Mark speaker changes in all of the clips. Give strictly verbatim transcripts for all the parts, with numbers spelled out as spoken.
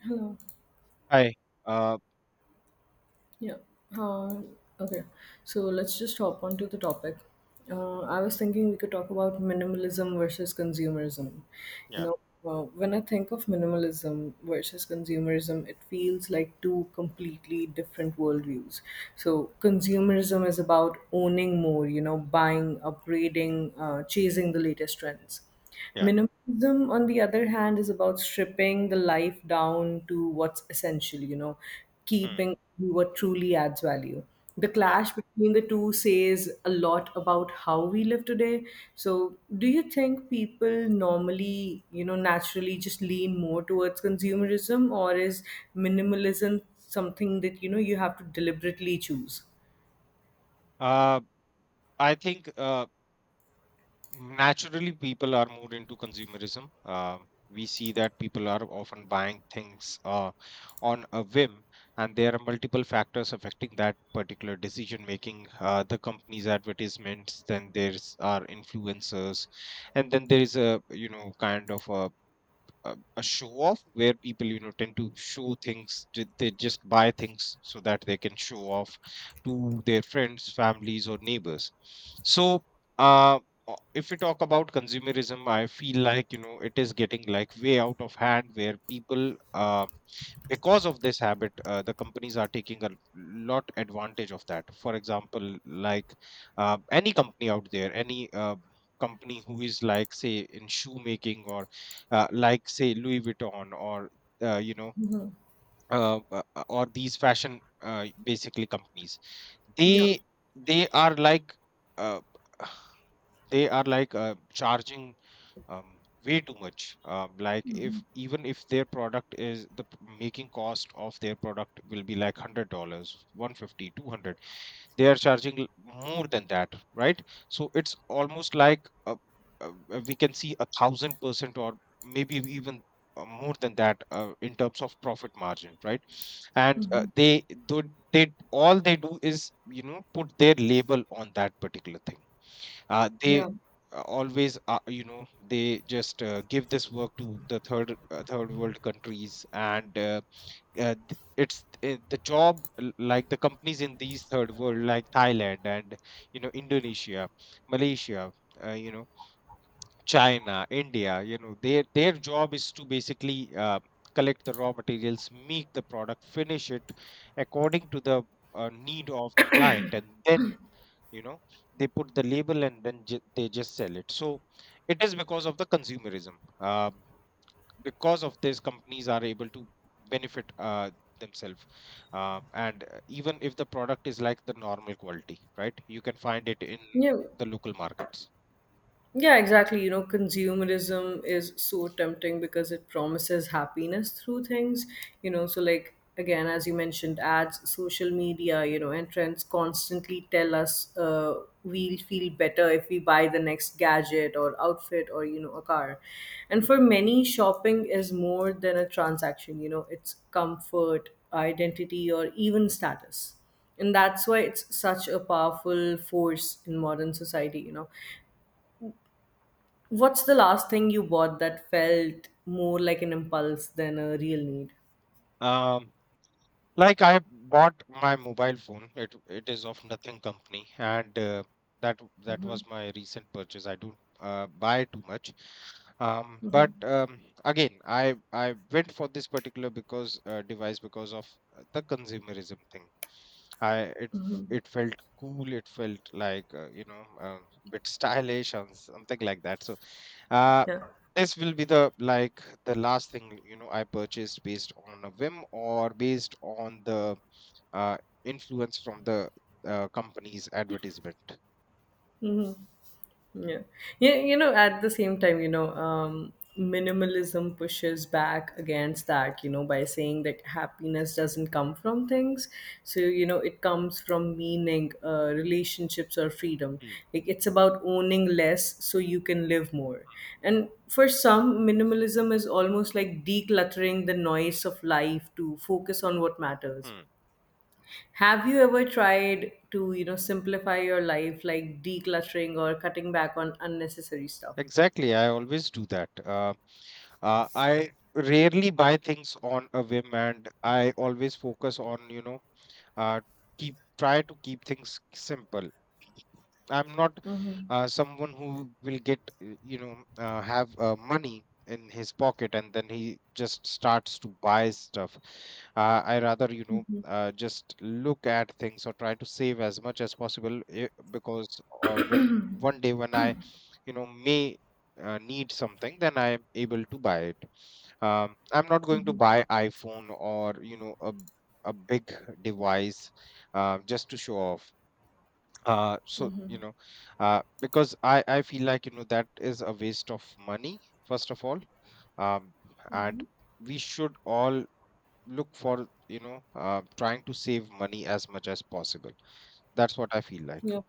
Speaker 1: Hello.
Speaker 2: Hi. Uh,
Speaker 1: Yeah. Uh, okay. So let's just hop on to the topic. Uh, I was thinking we could talk about minimalism versus consumerism. You
Speaker 2: yeah,
Speaker 1: know, uh, when I think of minimalism versus consumerism, it feels like two completely different worldviews. So consumerism is about owning more. You know, buying, upgrading, uh, chasing the latest trends.
Speaker 2: yeah,
Speaker 1: Minimalism, on the other hand, is about stripping the life down to what's essential, you know,
Speaker 2: hmm,
Speaker 1: keeping what truly adds value. The
Speaker 2: yeah.
Speaker 1: clash between the two says a lot about how we live today. So, do you think people normally, you know, naturally just lean more towards consumerism, or is minimalism something that, you know, you have to deliberately choose?
Speaker 2: Uh, I think uh, naturally people are more into consumerism. Uh, we see that people are often buying things uh, on a whim, and there are multiple factors affecting that particular decision making. Uh, the company's advertisements, then there's are influencers, and then there is a you know kind of a a, a show off where people, you know, tend to show things ju- they just buy things so that they can show off to their friends, families or neighbors. So uh o- if we talk about consumerism, I feel like, you know, it is getting like way out of hand where people, uh because of this habit, uh, the companies are taking a lot advantage of that. For example, like uh, any company out there, any uh, company who is like, say, in shoemaking or uh, like, say, Louis Vuitton or uh, you know
Speaker 1: Mhm.
Speaker 2: uh, uh, uh, or these fashion uh, basically companies,
Speaker 1: Yeah.
Speaker 2: they they are like, uh, they are like, uh, charging um, way too much. Um, like if even if their product is the p- making cost of their product will be like hundred dollars, one fifty, two hundred, they are charging l- more than that, right? So it's almost like uh uh uh, we can see a thousand percent or maybe even, uh, more than that uh, in terms of profit margin, right? And uh, they do they all they do is, you know, put their label on that particular thing. Uh, they
Speaker 1: Yeah.
Speaker 2: uh, always, uh, you know they just uh, give this work to the third, uh, third world countries, and uh, uh, th- it's uh, the job, l- like the companies in these third world, like Thailand and, you know, Indonesia, Malaysia, uh, you know, China, India, you know, their their job is to basically uh, collect the raw materials, make the product, finish it according to the uh, need of the client, and then, you know, they put the label and then ju- they just sell it. So it is because of the consumerism. um, because of this, companies are able to benefit uh, themselves. Um, and uh, even if the product is like the normal quality, right, you can find it in
Speaker 1: Yeah.
Speaker 2: the local markets.
Speaker 1: Yeah, exactly. You know, consumerism is so tempting because it promises happiness through things, you know. So, like, again, as you mentioned, ads, social media, you know, and trends constantly tell us uh, we'll feel better if we buy the next gadget or outfit or, you know, a car. And for many, shopping is more than a transaction, you know, it's comfort, identity, or even status, and that's why it's such a powerful force in modern society, you know. What's the last thing you bought that felt more like an impulse than a real need?
Speaker 2: um, Like, I bought my mobile phone. It it is of Nothing company, and uh, that that was my recent purchase. I don't uh, buy too much. Um, but um, again, I I went for this particular, because uh, device, because of uh, the consumerism thing. I It it felt cool. It felt like, uh, you know, a bit stylish and something like that. So uh,
Speaker 1: Yeah,
Speaker 2: this will be, the like, the last thing, you know, I purchased based on a whim or based on the uh, influence from the uh, company's advertisement.
Speaker 1: yeah, yeah. You know, at the same time, you know, um, minimalism pushes back against that, you know, by saying that happiness doesn't come from things. So you know, it comes from meaning, uh, relationships, or freedom.
Speaker 2: Hmm.
Speaker 1: Like it's about owning less so you can live more. And for some, minimalism is almost like decluttering the noise of life to focus on what matters.
Speaker 2: Hmm.
Speaker 1: Have you ever tried to, you know, simplify your life like decluttering or cutting back on unnecessary stuff?
Speaker 2: Exactly, I always do that. Uh, uh, I rarely buy things on a whim, and I always focus on, you know, uh, keep try to keep things simple. I'm not uh, someone who will get, uh, you know, uh, have, uh, money in his pocket and then he just starts to buy stuff. Uh, I rather, you know, uh, just look at things or try to save as much as possible, eh, because uh, when one day, when I, you know, may uh, need something, then I'm able to buy it. Um, I'm not going to buy iPhone or, you know, a, a big device uh, just to show off, uh so you know, uh because i i feel like, you know, that is a waste of money, first of all. um and we should all look for, you know, uh, trying to save money as much as possible. That's what I feel like.
Speaker 1: Yeah.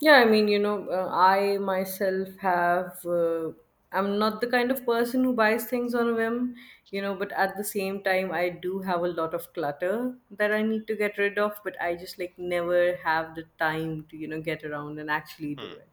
Speaker 1: Yeah, I mean, you know, uh, I myself have, uh, I'm not the kind of person who buys things on a
Speaker 2: Hmm,
Speaker 1: whim, you know, but at the same time, I do have a lot of clutter that I need to get rid of, but I just like never have the time to, you know, get around and actually do
Speaker 2: hmm,
Speaker 1: it.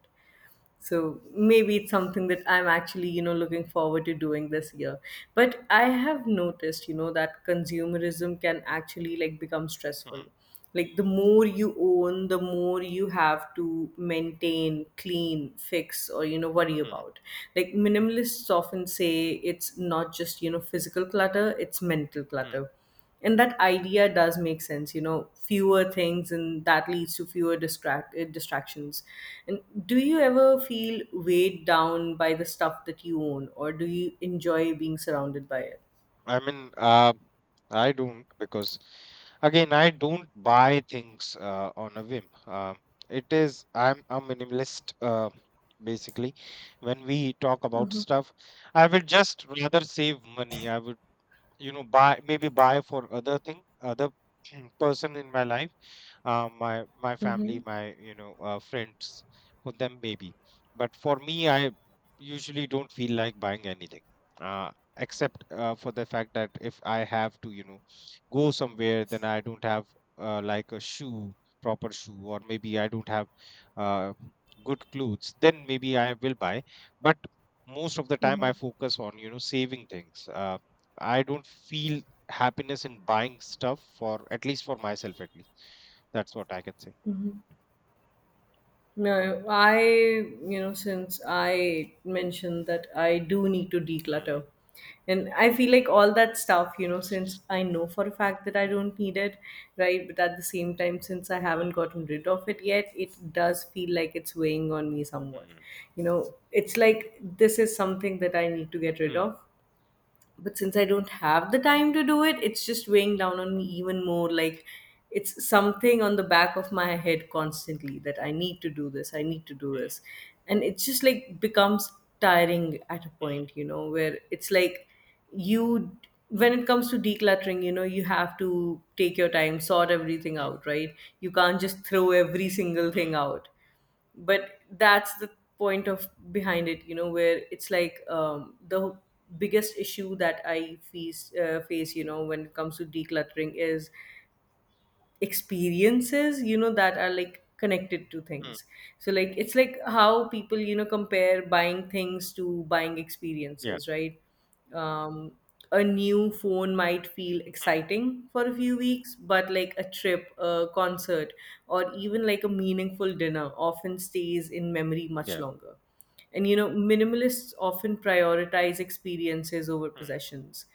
Speaker 1: So maybe it's something that I'm actually, you know, looking forward to doing this year. But I have noticed, you know, that consumerism can actually like become stressful.
Speaker 2: hmm,
Speaker 1: Like the more you own, the more you have to maintain, clean, fix, or, you know, worry
Speaker 2: hmm,
Speaker 1: about. Like minimalists often say it's not just, you know, physical clutter, it's mental
Speaker 2: hmm.
Speaker 1: clutter. And that idea does make sense, you know. Fewer things, and that leads to fewer distract uh, distractions. And do you ever feel weighed down by the stuff that you own, or do you enjoy being surrounded by it?
Speaker 2: I mean, uh, I don't, because again, I don't buy things uh, on a whim. Uh, it is, I'm a minimalist. Uh, basically, when we talk about
Speaker 1: Mm-hmm.
Speaker 2: stuff, I would just rather save money. I would, you know, buy, maybe buy for other thing, other person in my life, uh, my my family,
Speaker 1: Mm-hmm.
Speaker 2: my, you know, uh, friends, for them, maybe. But for me, I usually don't feel like buying anything, uh, except uh, for the fact that if I have to, you know, go somewhere, then I don't have uh, like a shoe, proper shoe, or maybe I don't have uh, good clothes, then maybe I will buy. But most of the time, I focus on, you know, saving things. uh, I don't feel happiness in buying stuff, for at least, for myself at least, that's what I can say.
Speaker 1: No, I, you know, since I mentioned that I do need to
Speaker 2: Mm,
Speaker 1: declutter. And I feel like all that stuff, you know, since I know for a fact that I don't need it, right? But at the same time, since I haven't gotten rid of it yet, it does feel like it's weighing on me somewhat.
Speaker 2: mm,
Speaker 1: You know, it's like this is something that I need to get rid
Speaker 2: mm,
Speaker 1: of, but since I don't have the time to do it, it's just weighing down on me even more. Like it's something on the back of my head constantly that I need to do this, I need to do this. And it's just like becomes tiring at a point, you know, where it's like you, when it comes to decluttering, you know, you have to take your time, sort everything
Speaker 2: mm,
Speaker 1: out, right? You can't just throw every single thing
Speaker 2: mm,
Speaker 1: out, but that's the point of behind it, you know, where it's like, um, the biggest issue that I face, uh, face you know when it comes to decluttering is experiences, you know, that are like connected to
Speaker 2: mm,
Speaker 1: things. So like it's like how people, you know, compare buying things to buying
Speaker 2: yeah,
Speaker 1: experiences, right? um a new phone might feel exciting for a few weeks, but like a trip, a concert, or even like a meaningful dinner often stays in memory much
Speaker 2: yeah.
Speaker 1: longer. And you know, minimalists often prioritize experiences over
Speaker 2: Mm.
Speaker 1: possessions.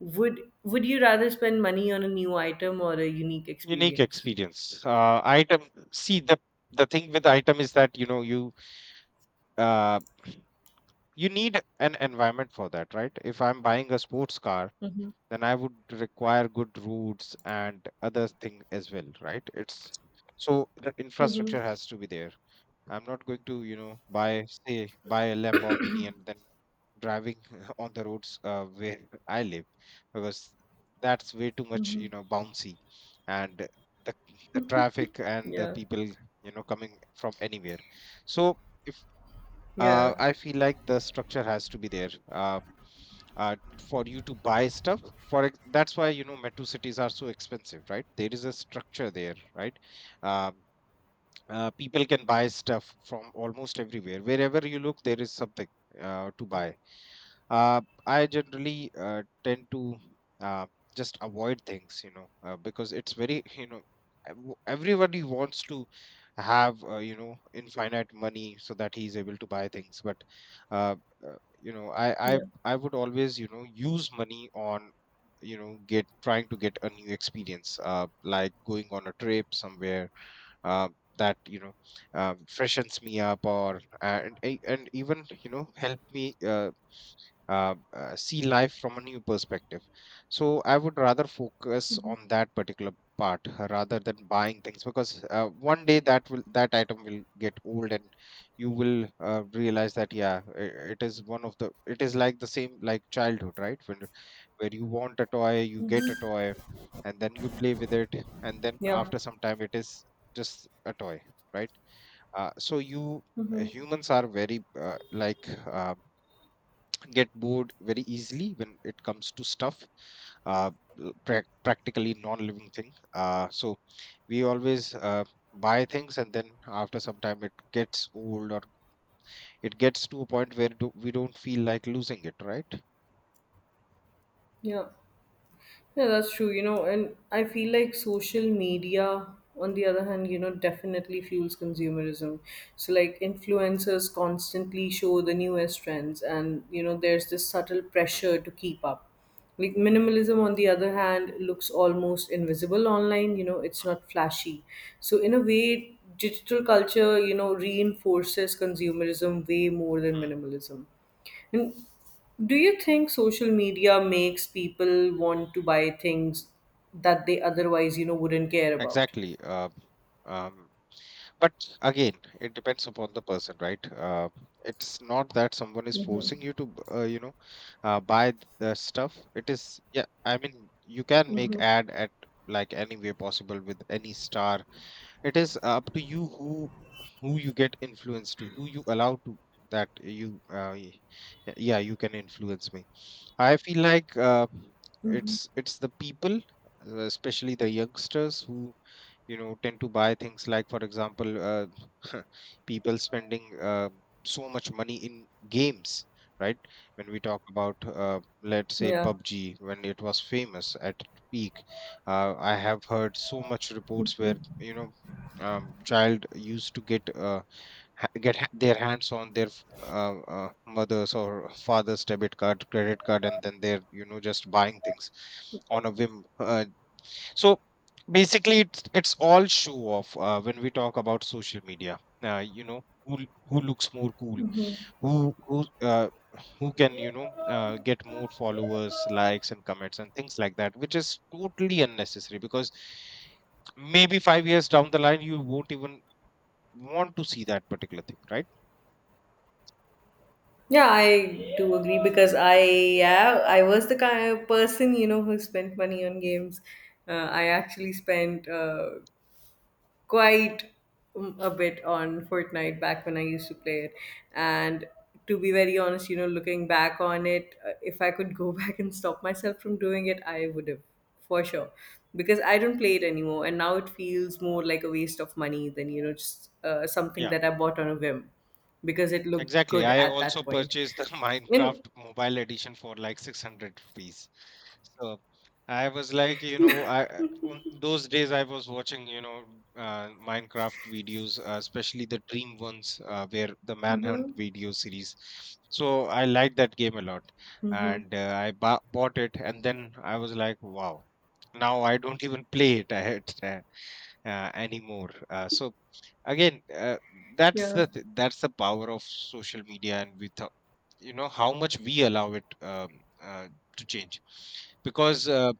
Speaker 1: Would would you rather spend money on a new item or a unique
Speaker 2: Unique
Speaker 1: experience?
Speaker 2: experience, uh item. See, the the thing with item is that, you know, you uh you need an environment for that, right? If I'm buying a sports car,
Speaker 1: Mm-hmm.
Speaker 2: then I would require good roads and other thing as well, right? it's So the
Speaker 1: Mm-hmm.
Speaker 2: infrastructure has to be there. I'm not going to, you know, buy say buy a Lamborghini and then driving on the roads uh, where I live, because that's way too much, you know, bouncy. And the, the traffic and the
Speaker 1: Yeah.
Speaker 2: people, you know, coming from anywhere. So if,
Speaker 1: Yeah.
Speaker 2: uh, I feel like the structure has to be there, uh, uh, for you to buy stuff. For ex- that's why, you know, metro cities are so expensive, right? There is a structure there, right? Um uh, People can buy stuff from almost everywhere. Wherever you look, there is something uh, to buy. uh, I generally uh, tend to uh, just avoid things, you know, uh, because it's very, you know, ev- everybody wants to have, uh, you know, infinite money so that he's able to buy things. But, uh, uh, you know, I, I,
Speaker 1: Yeah.
Speaker 2: I would always, you know, use money on, you know, get trying to get a new experience, uh, like going on a trip somewhere, uh, that, you know, um, freshens me up, or and, and even, you know, help me uh, uh, uh, see life from a new perspective. So I would rather focus on that particular part, uh, rather than buying things, because uh, one day, that will that item will get old and you will uh, realize that, yeah, i- it is one of the, it is like the same, like childhood, right? when Where you want a toy, you get a toy, and then you play with it, and then
Speaker 1: Yeah.
Speaker 2: after some time, it is just a toy, right? uh, so you uh, Humans are very uh, like uh, get bored very easily when it comes to stuff, uh, l- prac- practically non-living thing. Uh, so we always uh, buy things, and then after some time it gets old, or it gets to a point where do, we don't feel like losing it, right?
Speaker 1: Yeah. Yeah, that's true. You know, and I feel like social media, on the other hand, you know, definitely fuels consumerism. So, like, influencers constantly show the newest trends, and, you know, there's this subtle
Speaker 2: Mm,
Speaker 1: pressure to keep up. Like, minimalism, on the other hand, looks almost invisible online. You know, it's not flashy. So, in a way, digital culture, you know, reinforces consumerism way more than
Speaker 2: mm.
Speaker 1: minimalism. And do you think social media makes people want to buy things that they otherwise, you know, wouldn't care about?
Speaker 2: Exactly. Uh, um, But again, it depends upon the person, right? Uh, it's not that someone is forcing you to, b- uh, you know, uh, buy th- the stuff. It is, yeah. I mean, you can make ad at like any way possible, with any star. It is up to you who who you get influenced to, who you allow to, that you, uh, y- yeah, you can influence me. I feel like uh, it's it's the people, uh, especially the youngsters, who, you know, tend to buy things. Like, for example, uh, people spending uh, so much money in games, right? When we talk about, uh, let's say,
Speaker 1: Yeah.
Speaker 2: PUBG, when it was famous at peak, uh, I have heard so much reports where, you know, um, child used to get uh, ha- get ha- their hands on their f- uh, uh, mother's or father's debit card, credit card, and then they're, you know, just buying things on a whim. Uh, so basically, it's it's all show off, uh, when we talk about social media. Uh, you know, who l- who looks more cool, who who uh, who can, you know, uh, get more followers, likes and comments and things like that, which is totally unnecessary, because maybe five years down the line, you won't even want to see that particular thing, right?
Speaker 1: Yeah, I do agree because I, yeah, I was the kind of person, you know, who spent money on games. Uh, I actually spent uh, quite um, a bit on
Speaker 2: Y-
Speaker 1: Fortnite back when I used to play it. And to be very honest, you know, looking back on it, uh, if I could go back and stop myself from doing it, I would have for sure, because I don't play it anymore. And now it feels more like a waste of money than, you know, just uh, something
Speaker 2: Yeah,
Speaker 1: that I bought on a whim because it looked
Speaker 2: exactly.
Speaker 1: good
Speaker 2: I
Speaker 1: at
Speaker 2: also
Speaker 1: that point.
Speaker 2: purchased the Minecraft
Speaker 1: And,
Speaker 2: mobile edition for like six hundred rupees. So I was like, you know, I uh, on those days I was watching, you know, uh, Minecraft videos, uh, especially the Dream ones, uh, where the Manhunt
Speaker 1: hmm.
Speaker 2: video series. So I liked that game a lot,
Speaker 1: Hmm.
Speaker 2: and uh, I ba- bought it, and then I was like, wow. Now I don't even play it uh, uh, anymore. Uh, so again, uh, that's
Speaker 1: Yeah.
Speaker 2: the th- that's the power of social media, and with ho- you know how much we allow it, um, uh, to change, because uh,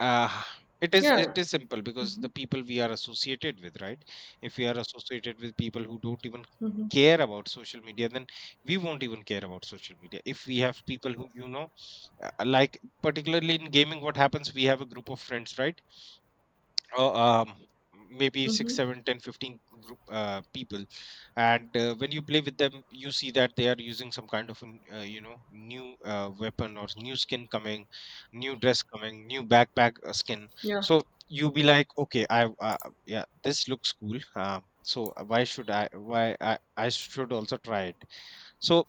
Speaker 2: uh, it is it
Speaker 1: Yeah.
Speaker 2: is simple, because
Speaker 1: Hmm.
Speaker 2: the people we are associated with, right? If we are associated with people who don't even
Speaker 1: Hmm.
Speaker 2: care about social media, then we won't even care about social media. If we have people who, you know, uh, like, particularly in gaming, what happens, we have a group of friends, right? uh, um, Maybe six
Speaker 1: Hmm.
Speaker 2: seven, ten, fifteen group uh, people, and uh, when you play with them you see that they are using some kind of an, uh, you know, new uh, weapon, or new skin coming, new dress coming, new backpack uh, skin.
Speaker 1: Yeah.
Speaker 2: So you be like, okay, I, uh, yeah, this looks cool, uh, so, uh, why should i why I, I should also try it. So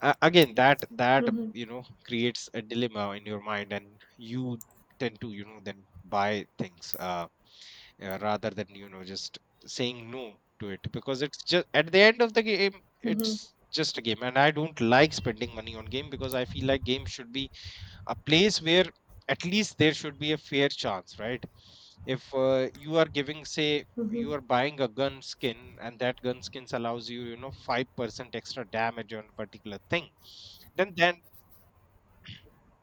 Speaker 2: uh, again, that that
Speaker 1: Hmm.
Speaker 2: you know, creates a dilemma in your mind, and you tend to, you know, then buy things, uh, uh, rather than, you know, just saying no to it, because it's just at the end of the game, it's just a game. And I don't like spending money on game, because I feel like game should be a place where at least there should be a fair chance, right? If uh, you are giving, say, you
Speaker 1: Hmm.
Speaker 2: are buying a gun skin and that gun skins allows you, you know, five percent extra damage on a particular thing, then then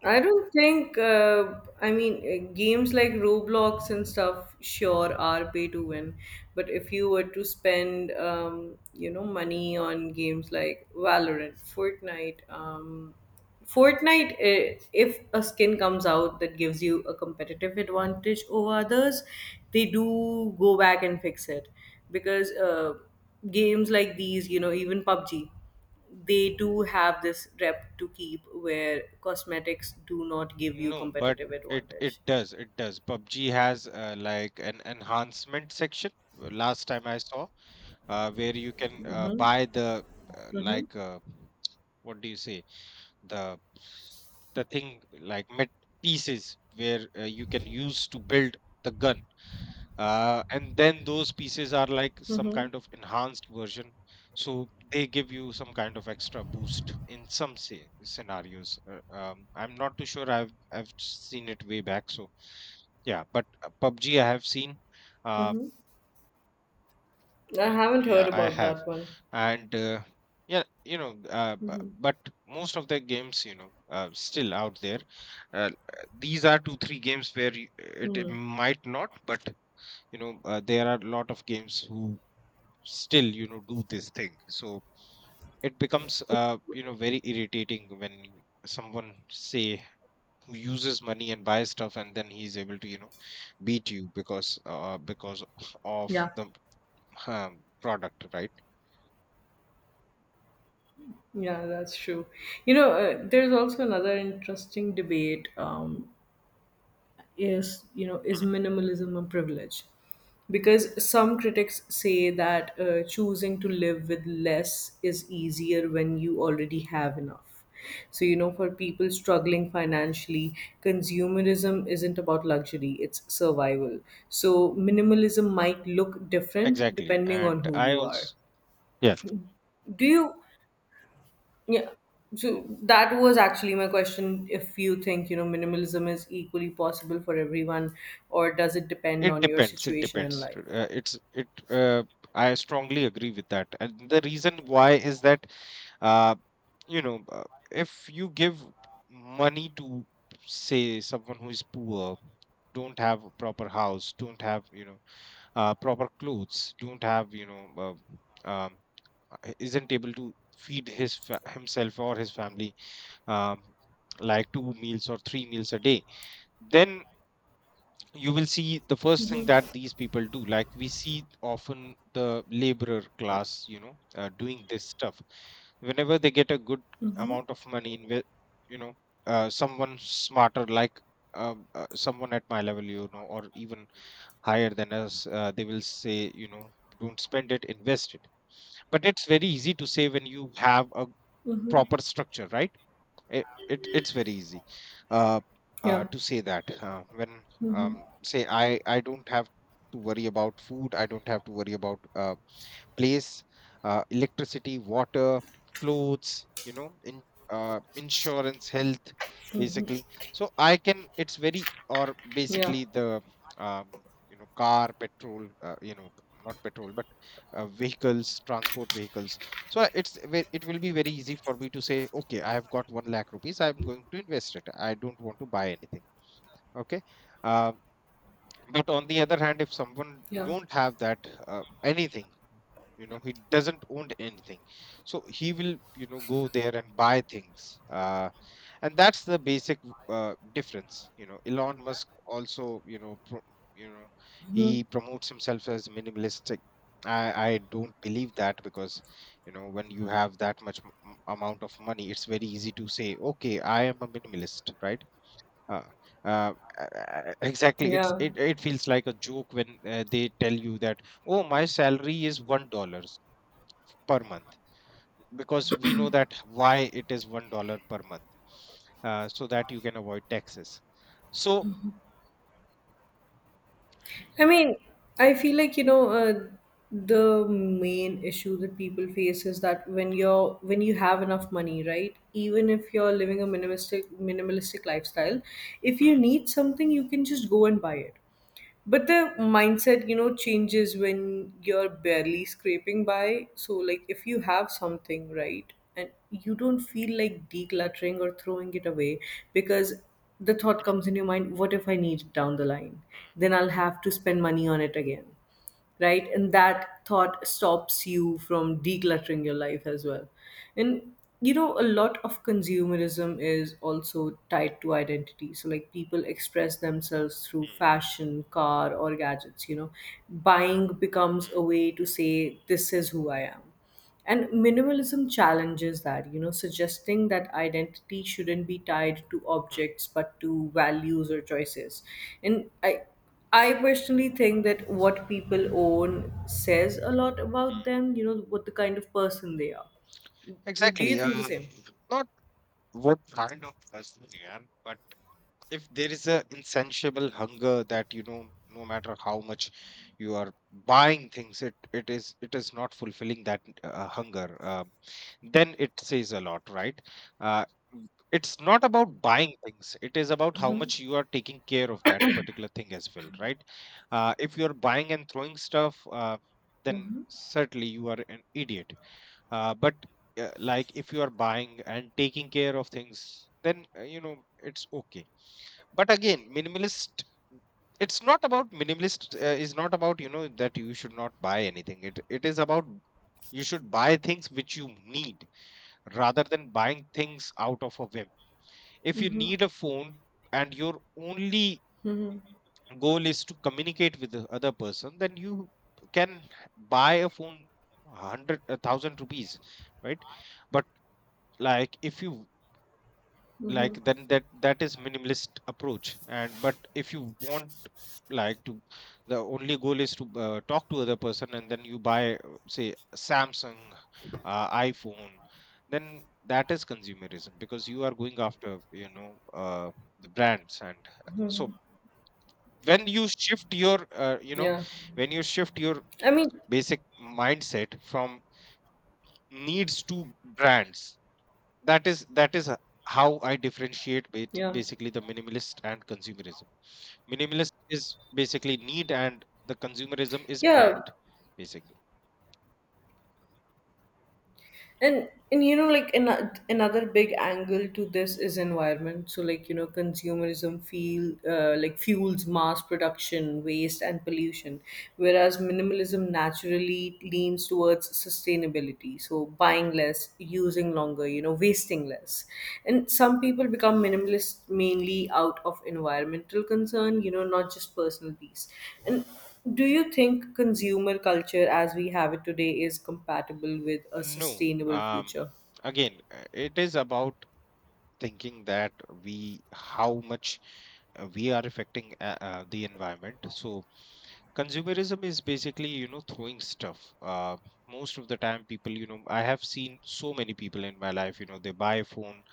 Speaker 1: I don't think, uh, I mean, uh, games like Roblox and stuff, sure, are pay to win. But if you were to spend, um, you know, money on games like Valorant, Fortnite, um, Fortnite, eh, if a skin comes out that gives you a competitive advantage over others, they do go back and fix it. Because uh, games like these, you know, even P U B G, they do have this rep to keep where cosmetics do not give you
Speaker 2: no, but
Speaker 1: competitive
Speaker 2: it it
Speaker 1: advantage.
Speaker 2: does it does. PUBG has uh, like an enhancement section. uh, Last time I saw, uh, where you can uh,
Speaker 1: Mm-hmm.
Speaker 2: buy the, uh,
Speaker 1: Mm-hmm.
Speaker 2: like, uh, what do you say, the the thing, like, met pieces, where uh, you can use to build the gun, uh, and then those pieces are like some
Speaker 1: Mm-hmm.
Speaker 2: kind of enhanced version. So they give you some kind of extra boost in some, say, scenarios. uh, um, I'm not too sure, i've i've seen it way back, so yeah. But uh, PUBG I have seen, uh,
Speaker 1: Mm-hmm. I
Speaker 2: mm, mm,
Speaker 1: haven't
Speaker 2: yeah,
Speaker 1: heard
Speaker 2: I
Speaker 1: about
Speaker 2: have.
Speaker 1: that one.
Speaker 2: And uh, yeah, you know, uh, bu-
Speaker 1: Mm-hmm.
Speaker 2: but most of the games, you know, uh, still out there, uh, these are two three games where you, it, it
Speaker 1: Mm-hmm.
Speaker 2: might not. But you know, uh, there are a lot of games who still, you know, do this thing. So it becomes, uh you know, very irritating when someone, say, who uses money and buys stuff, and then he's able to, you know, beat you, because uh because of
Speaker 1: Yeah.
Speaker 2: the, um, product, right?
Speaker 1: Yeah, that's true. You know, uh, there's also another interesting debate, um, is, you know, is minimalism a privilege? Because some critics say that uh, choosing to live with less is easier when you already have enough. So, you know, for people struggling financially, consumerism isn't about luxury, it's survival. So minimalism might look different
Speaker 2: Exactly,
Speaker 1: depending on
Speaker 2: and
Speaker 1: who
Speaker 2: I
Speaker 1: you are.
Speaker 2: also, yeah.
Speaker 1: Do you, yeah. So that was actually my question. If you think, you know, minimalism is equally possible for everyone, or does it depend
Speaker 2: It
Speaker 1: on your
Speaker 2: depends. It
Speaker 1: situation in
Speaker 2: depends.
Speaker 1: life?
Speaker 2: Uh, it's it. Uh, I strongly agree with that, and the reason why is that, uh, you know, uh, if you give money to, say, someone who is poor, don't have a proper house, don't have, you know, uh, proper clothes, don't have, you know, uh, um, uh, isn't able to feed his fa- himself or his family, um, like two meals or three meals a day, then you will see the first thing that these people do, like we see often the laborer class, you know, uh, doing this stuff, whenever they get a good amount of money, inve- you know, uh, someone smarter, like, um, uh, someone at my level, you know, or even higher than us, uh, they will say, you know, don't spend it, invest it. But it's very easy to say when you have a
Speaker 1: Mm-hmm.
Speaker 2: proper structure, right? it, it it's very easy, uh, uh
Speaker 1: Yeah.
Speaker 2: to say that, uh, when, um say, i i don't have to worry about food, I don't have to worry about, uh, place, uh, electricity, water, clothes, you know, in, uh, insurance, health, basically. So I can, it's very, or
Speaker 1: Yeah.
Speaker 2: basically the, um, you know, car, petrol, uh, you know, not petrol, but uh, vehicles, transport vehicles. So I- it's ve- it will be very easy for me to say, okay, I have got one lakh rupees, I'm going to invest it, I don't want to buy anything. Okay. Um, but on the other hand, if someone
Speaker 1: Yeah.
Speaker 2: don't have that, uh, anything, you know, he doesn't own anything, so he will, you know, go there and buy things. Uh, and that's the basic, uh, difference. You know, Elon Musk also, you know, pro- you know, he promotes himself as minimalistic. I i don't believe that, because, you know, when you have that much m- m- amount of money, it's very easy to say, okay, I am a minimalist, right? uh, uh, uh, uh, exactly. It's
Speaker 1: Yeah.
Speaker 2: it, it feels like a joke when, uh, they tell you that, oh, my salary is one dollars per month, because we know that why it is one dollar per month, uh, so that you can avoid taxes. So
Speaker 1: I mean, I feel like, you know, uh, the main issue that people face is that when you're when you have enough money, right? Even if you're living a minimalistic minimalistic lifestyle, if you
Speaker 2: hmm,
Speaker 1: need something, you can just go and buy it. But the mindset, you know, changes when you're barely scraping by. So like if you have something, right, and you don't feel like decluttering or throwing it away because the thought comes in your mind, what if I need it down the line?
Speaker 2: hmm,
Speaker 1: Then I'll have to spend money on it again, right? And that thought stops you from decluttering your life as well. And you know, a lot of consumerism is also tied to identity. So like people express themselves through
Speaker 2: hmm,
Speaker 1: fashion, car, or gadgets, you know. Buying becomes
Speaker 2: hmm,
Speaker 1: a way to say this is who I am. And minimalism challenges that, you know, suggesting that identity shouldn't be tied to
Speaker 2: hmm,
Speaker 1: objects but to values or choices. And I I personally think that what people own says a lot about
Speaker 2: hmm.
Speaker 1: them, you know, what the kind of person they are. Do you
Speaker 2: Exactly, uh,
Speaker 1: think the same?
Speaker 2: not what kind of person they are, but. If there is a insatiable hunger that, you know, no matter how much you are buying things, it it is it is not fulfilling that, uh, hunger, uh, then it says a lot, right? uh, it's not about buying things, it is about how much you are taking care of that particular thing as well, right? Uh, if you're buying and throwing stuff, uh, then certainly you are an idiot. Uh, but, uh, like, if you are buying and taking care of things, then, uh, you know, it's okay. But again, minimalist, it's not about minimalist, uh, is not about, you know, that you should not buy anything, it it is about, you should buy things which you need, rather than buying things out of a whim. If you need a phone, and your only
Speaker 1: Mm-hmm.
Speaker 2: goal is to communicate with the other person, then you can buy a phone, one hundred, a one thousand rupees, right? But, like, if you, like,
Speaker 1: Mm-hmm.
Speaker 2: then that that is minimalist approach. And but if you want, like, to, the only goal is to uh, talk to other person, and then you buy, uh, say, Samsung, uh, iPhone, then that is consumerism, because you are going after, you know, uh, the brands. And so when you shift your, uh, you know,
Speaker 1: Yeah.
Speaker 2: when you shift your
Speaker 1: I mean,
Speaker 2: basic mindset from needs to brands, that is that is h- how I differentiate, bet-
Speaker 1: yeah.
Speaker 2: basically, the minimalist and consumerism. Minimalist is basically need, and the consumerism is
Speaker 1: Yeah,
Speaker 2: brand, basically.
Speaker 1: and and you know, like an, another big angle to this is environment. So like you know, consumerism feel uh, like fuels mass production, waste, and pollution, whereas minimalism naturally leans towards sustainability. So buying less, using longer, you know, wasting less. And some people become minimalist mainly out of environmental concern, you know, not just personal peace. And do you think consumer culture as we have it today is compatible with a
Speaker 2: No,
Speaker 1: sustainable
Speaker 2: um
Speaker 1: future?
Speaker 2: again, uh, it is about thinking that, we how much, uh, we are affecting, uh, uh, the environment. So consumerism is basically, you know, throwing stuff. Uh, most of the time people, you know, I have seen so many people in my life, you know, they buy a phone,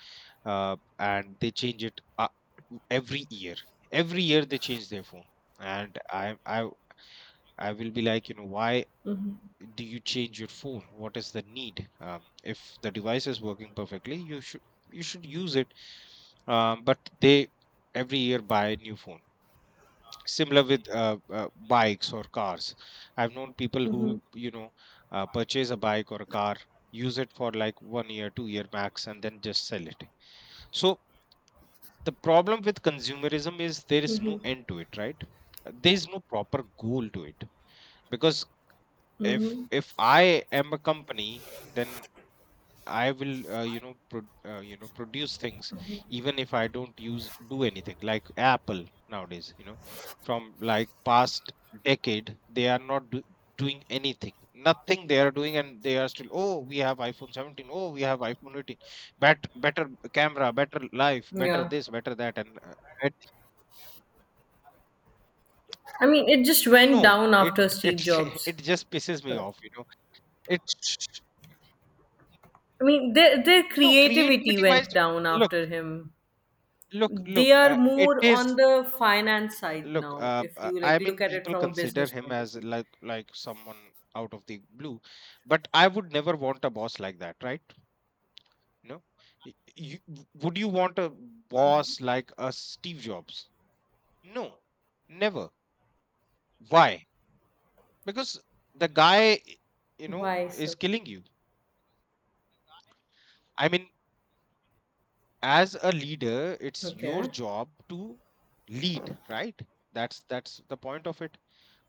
Speaker 2: uh, and they change it, uh, every year. Every year they change their phone, and I I I will be like, you know, why do you change your phone? What is the need? Uh, if the device is working perfectly, you should you should use it. Um, but they every year buy a new phone. Similar with, uh, uh, bikes or cars. I've known people who, you know, uh, purchase a bike or a car, use it for like one year, two year max, and then just sell it. So the problem with consumerism is, there is no end to it, right? There is no proper goal to it, because if
Speaker 1: Mm-hmm.
Speaker 2: if I am a company, then I will, uh, you know, pro- uh, you know, produce things even if I don't use, do anything, like Apple nowadays, you know, from like past decade they are not do- doing anything, nothing they are doing, and they are still, oh, we have iPhone seventeen, oh, we have iPhone eighteen, bet- better camera, better life, better
Speaker 1: Yeah.
Speaker 2: this, better that, and uh,
Speaker 1: I mean, it just went
Speaker 2: no,
Speaker 1: down
Speaker 2: it
Speaker 1: after
Speaker 2: it
Speaker 1: Steve
Speaker 2: it
Speaker 1: Jobs.
Speaker 2: just pisses me off, you know. It's
Speaker 1: I mean, their, their
Speaker 2: no
Speaker 1: creativity
Speaker 2: creativity wise.
Speaker 1: went down
Speaker 2: Look,
Speaker 1: after him.
Speaker 2: look,
Speaker 1: They
Speaker 2: look.
Speaker 1: are
Speaker 2: Uh, it
Speaker 1: more
Speaker 2: is,
Speaker 1: on the finance side
Speaker 2: look.
Speaker 1: now,
Speaker 2: Uh,
Speaker 1: if
Speaker 2: uh,
Speaker 1: you like
Speaker 2: I
Speaker 1: look
Speaker 2: mean,
Speaker 1: at it
Speaker 2: people
Speaker 1: from a
Speaker 2: consider
Speaker 1: business
Speaker 2: him
Speaker 1: point of
Speaker 2: as
Speaker 1: view.
Speaker 2: like like someone out of the blue, but I would never want a boss like that, right? You know, Y- you, w- would you want a boss like a Steve Jobs? No, never. Why? Because the guy, you know,
Speaker 1: Why
Speaker 2: is
Speaker 1: so?
Speaker 2: killing you. I mean, as a leader, it's your
Speaker 1: Okay.
Speaker 2: job to lead, right? That's that's the point of it.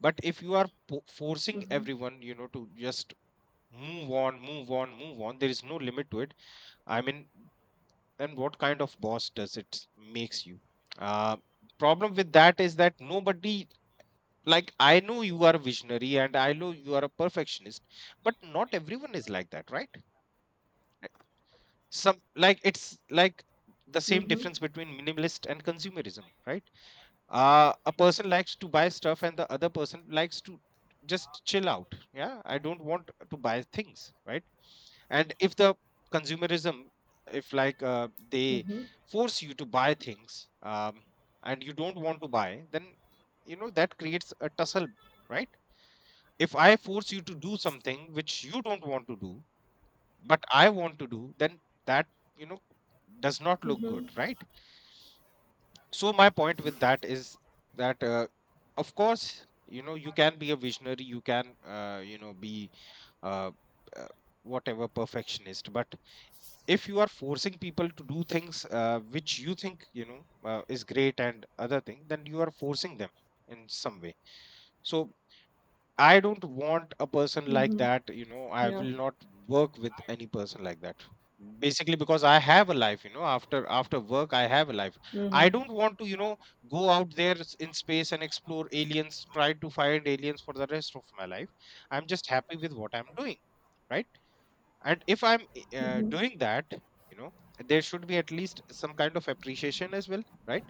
Speaker 2: But if you are po- forcing everyone, you know, to just move on, move on, move on, there is no limit to it, I mean. And what kind of boss does it makes you? uh Problem with that is that nobody, like, I know you are a visionary and I know you are a perfectionist, but not everyone is like that, right? Some, like, it's like the same
Speaker 1: Mm-hmm.
Speaker 2: difference between minimalist and consumerism, right? Uh a person likes to buy stuff and the other person likes to just chill out. Yeah, I don't want to buy things, right? And if the consumerism, if, like, uh, they force you to buy things, um and you don't want to buy, then you know that creates a tussle, right? If I force you to do something which you don't want to do, but I want to do, then that, you know, does not look good, right? So, my point with that is that, uh, of course, you know, you can be a visionary, you can, uh, you know, be uh, uh, whatever perfectionist, but if you are forcing people to do things uh, which you think, you know, uh, is great and other thing, then you are forcing them in some way. So, I don't want a person like that, you know. I
Speaker 1: Yeah.
Speaker 2: will not work with any person like that. Basically, because I have a life, you know, after after work, I have a life. I
Speaker 1: Mm-hmm.
Speaker 2: don't want to, you know, go out there s- in space and explore aliens, try to find aliens for the rest of my life. I'm just happy with what I'm doing, right? And if I'm uh, doing that, you know there should be at least some kind of appreciation as well, right.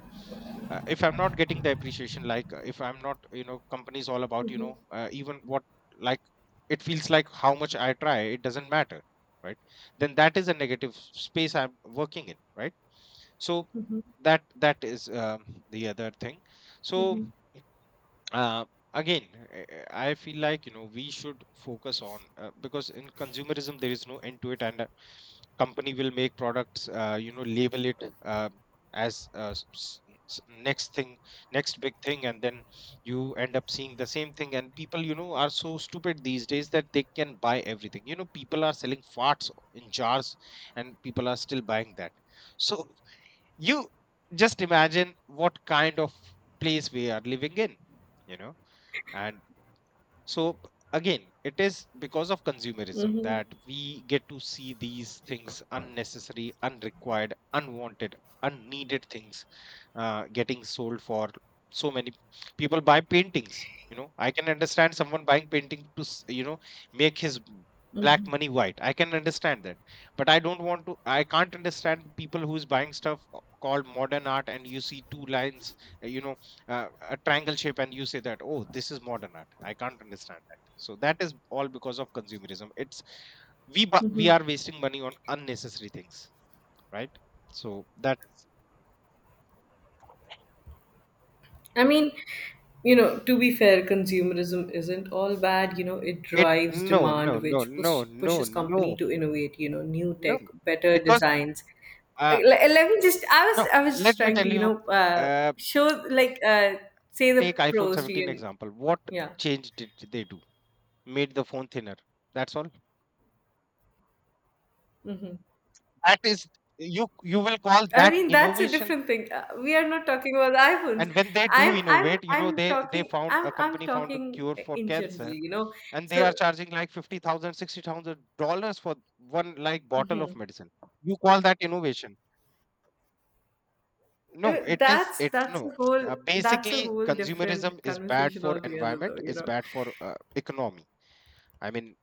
Speaker 2: uh, If I'm not getting the appreciation, like, uh, if I'm not, you know company is all about, you know uh, even what, like, it feels like how much I try, it doesn't matter, right. Then that is a negative space I'm working in, right. So, that that is um, the other thing. So, uh, again, uh, uh, I feel like, you know we should focus on, uh, because in consumerism there is no end to it, and a company will make products, uh, you know label it uh, as uh, s- s- s- next thing, next big thing, and then you end up seeing the same thing, and people, you know are so stupid these days that they can buy everything. you know people are selling farts in jars, and people are still buying that. So, you just imagine what kind of place we are living in you know and so, again, it is because of consumerism
Speaker 1: Mm-hmm.
Speaker 2: that we get to see these things: unnecessary, unrequired, unwanted, unneeded things uh, getting sold for so many. People buy paintings. you know I can understand someone buying painting to s- you know make his b- black money white. I can understand that. But I don't want to, I can't understand people who's buying stuff o- called modern art, and you see two lines, uh, you know uh, a triangle shape, and you say that, oh, this is modern art. I can't understand that. So that is all because of consumerism. It's, we bu- we are wasting money on unnecessary things, right. So that is...
Speaker 1: I mean, you know, to be fair, consumerism isn't all bad. You know, it
Speaker 2: It,
Speaker 1: drives
Speaker 2: no,
Speaker 1: demand,
Speaker 2: no, no,
Speaker 1: which
Speaker 2: no,
Speaker 1: push,
Speaker 2: no,
Speaker 1: pushes company
Speaker 2: no,
Speaker 1: to innovate. You know, new
Speaker 2: no.
Speaker 1: tech, better
Speaker 2: Because
Speaker 1: designs.
Speaker 2: uh
Speaker 1: I- Let, let me just. I was.
Speaker 2: no,
Speaker 1: I was just
Speaker 2: let me
Speaker 1: trying
Speaker 2: tell
Speaker 1: to. You
Speaker 2: you,
Speaker 1: know, uh,
Speaker 2: uh
Speaker 1: show like uh, say the
Speaker 2: take iPhone
Speaker 1: pros to
Speaker 2: seventeen
Speaker 1: you.
Speaker 2: example. What
Speaker 1: Yeah.
Speaker 2: change did they do? Made the phone thinner. That's all. That is, you you will call
Speaker 1: I
Speaker 2: that
Speaker 1: mean, that's a
Speaker 2: innovation.
Speaker 1: different thing. Uh, we are not talking about iPhones.
Speaker 2: And when they do
Speaker 1: I'm, I'm,
Speaker 2: innovate, you know,
Speaker 1: I'm
Speaker 2: they they
Speaker 1: talking.
Speaker 2: found, a
Speaker 1: I'm, I'm
Speaker 2: company found a
Speaker 1: talking
Speaker 2: cure for
Speaker 1: in general.
Speaker 2: cancer,
Speaker 1: You know,
Speaker 2: and they are
Speaker 1: so.
Speaker 2: charging like fifty thousand sixty thousand dollars for one, like, bottle of medicine. You call that innovation. No,
Speaker 1: Uh,
Speaker 2: it is,
Speaker 1: That's
Speaker 2: it,
Speaker 1: that's a
Speaker 2: no. Uh,
Speaker 1: whole that's a
Speaker 2: basically,
Speaker 1: whole
Speaker 2: consumerism
Speaker 1: different
Speaker 2: is bad
Speaker 1: conversation
Speaker 2: for
Speaker 1: altogether, though,
Speaker 2: environment.
Speaker 1: you
Speaker 2: It's
Speaker 1: know.
Speaker 2: bad for uh, economy. I mean,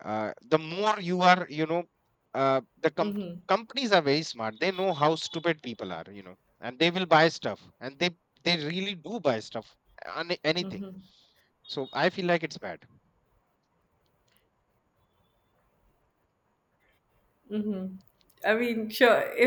Speaker 2: uh, the more you are, you know, uh, the com-
Speaker 1: Mm-hmm,
Speaker 2: companies are very smart. They know how stupid people are, you know, and they will buy stuff, and they they really do buy stuff, any anything.
Speaker 1: mm-hmm,
Speaker 2: So I feel like it's bad.
Speaker 1: mm-hmm. I mean, sure,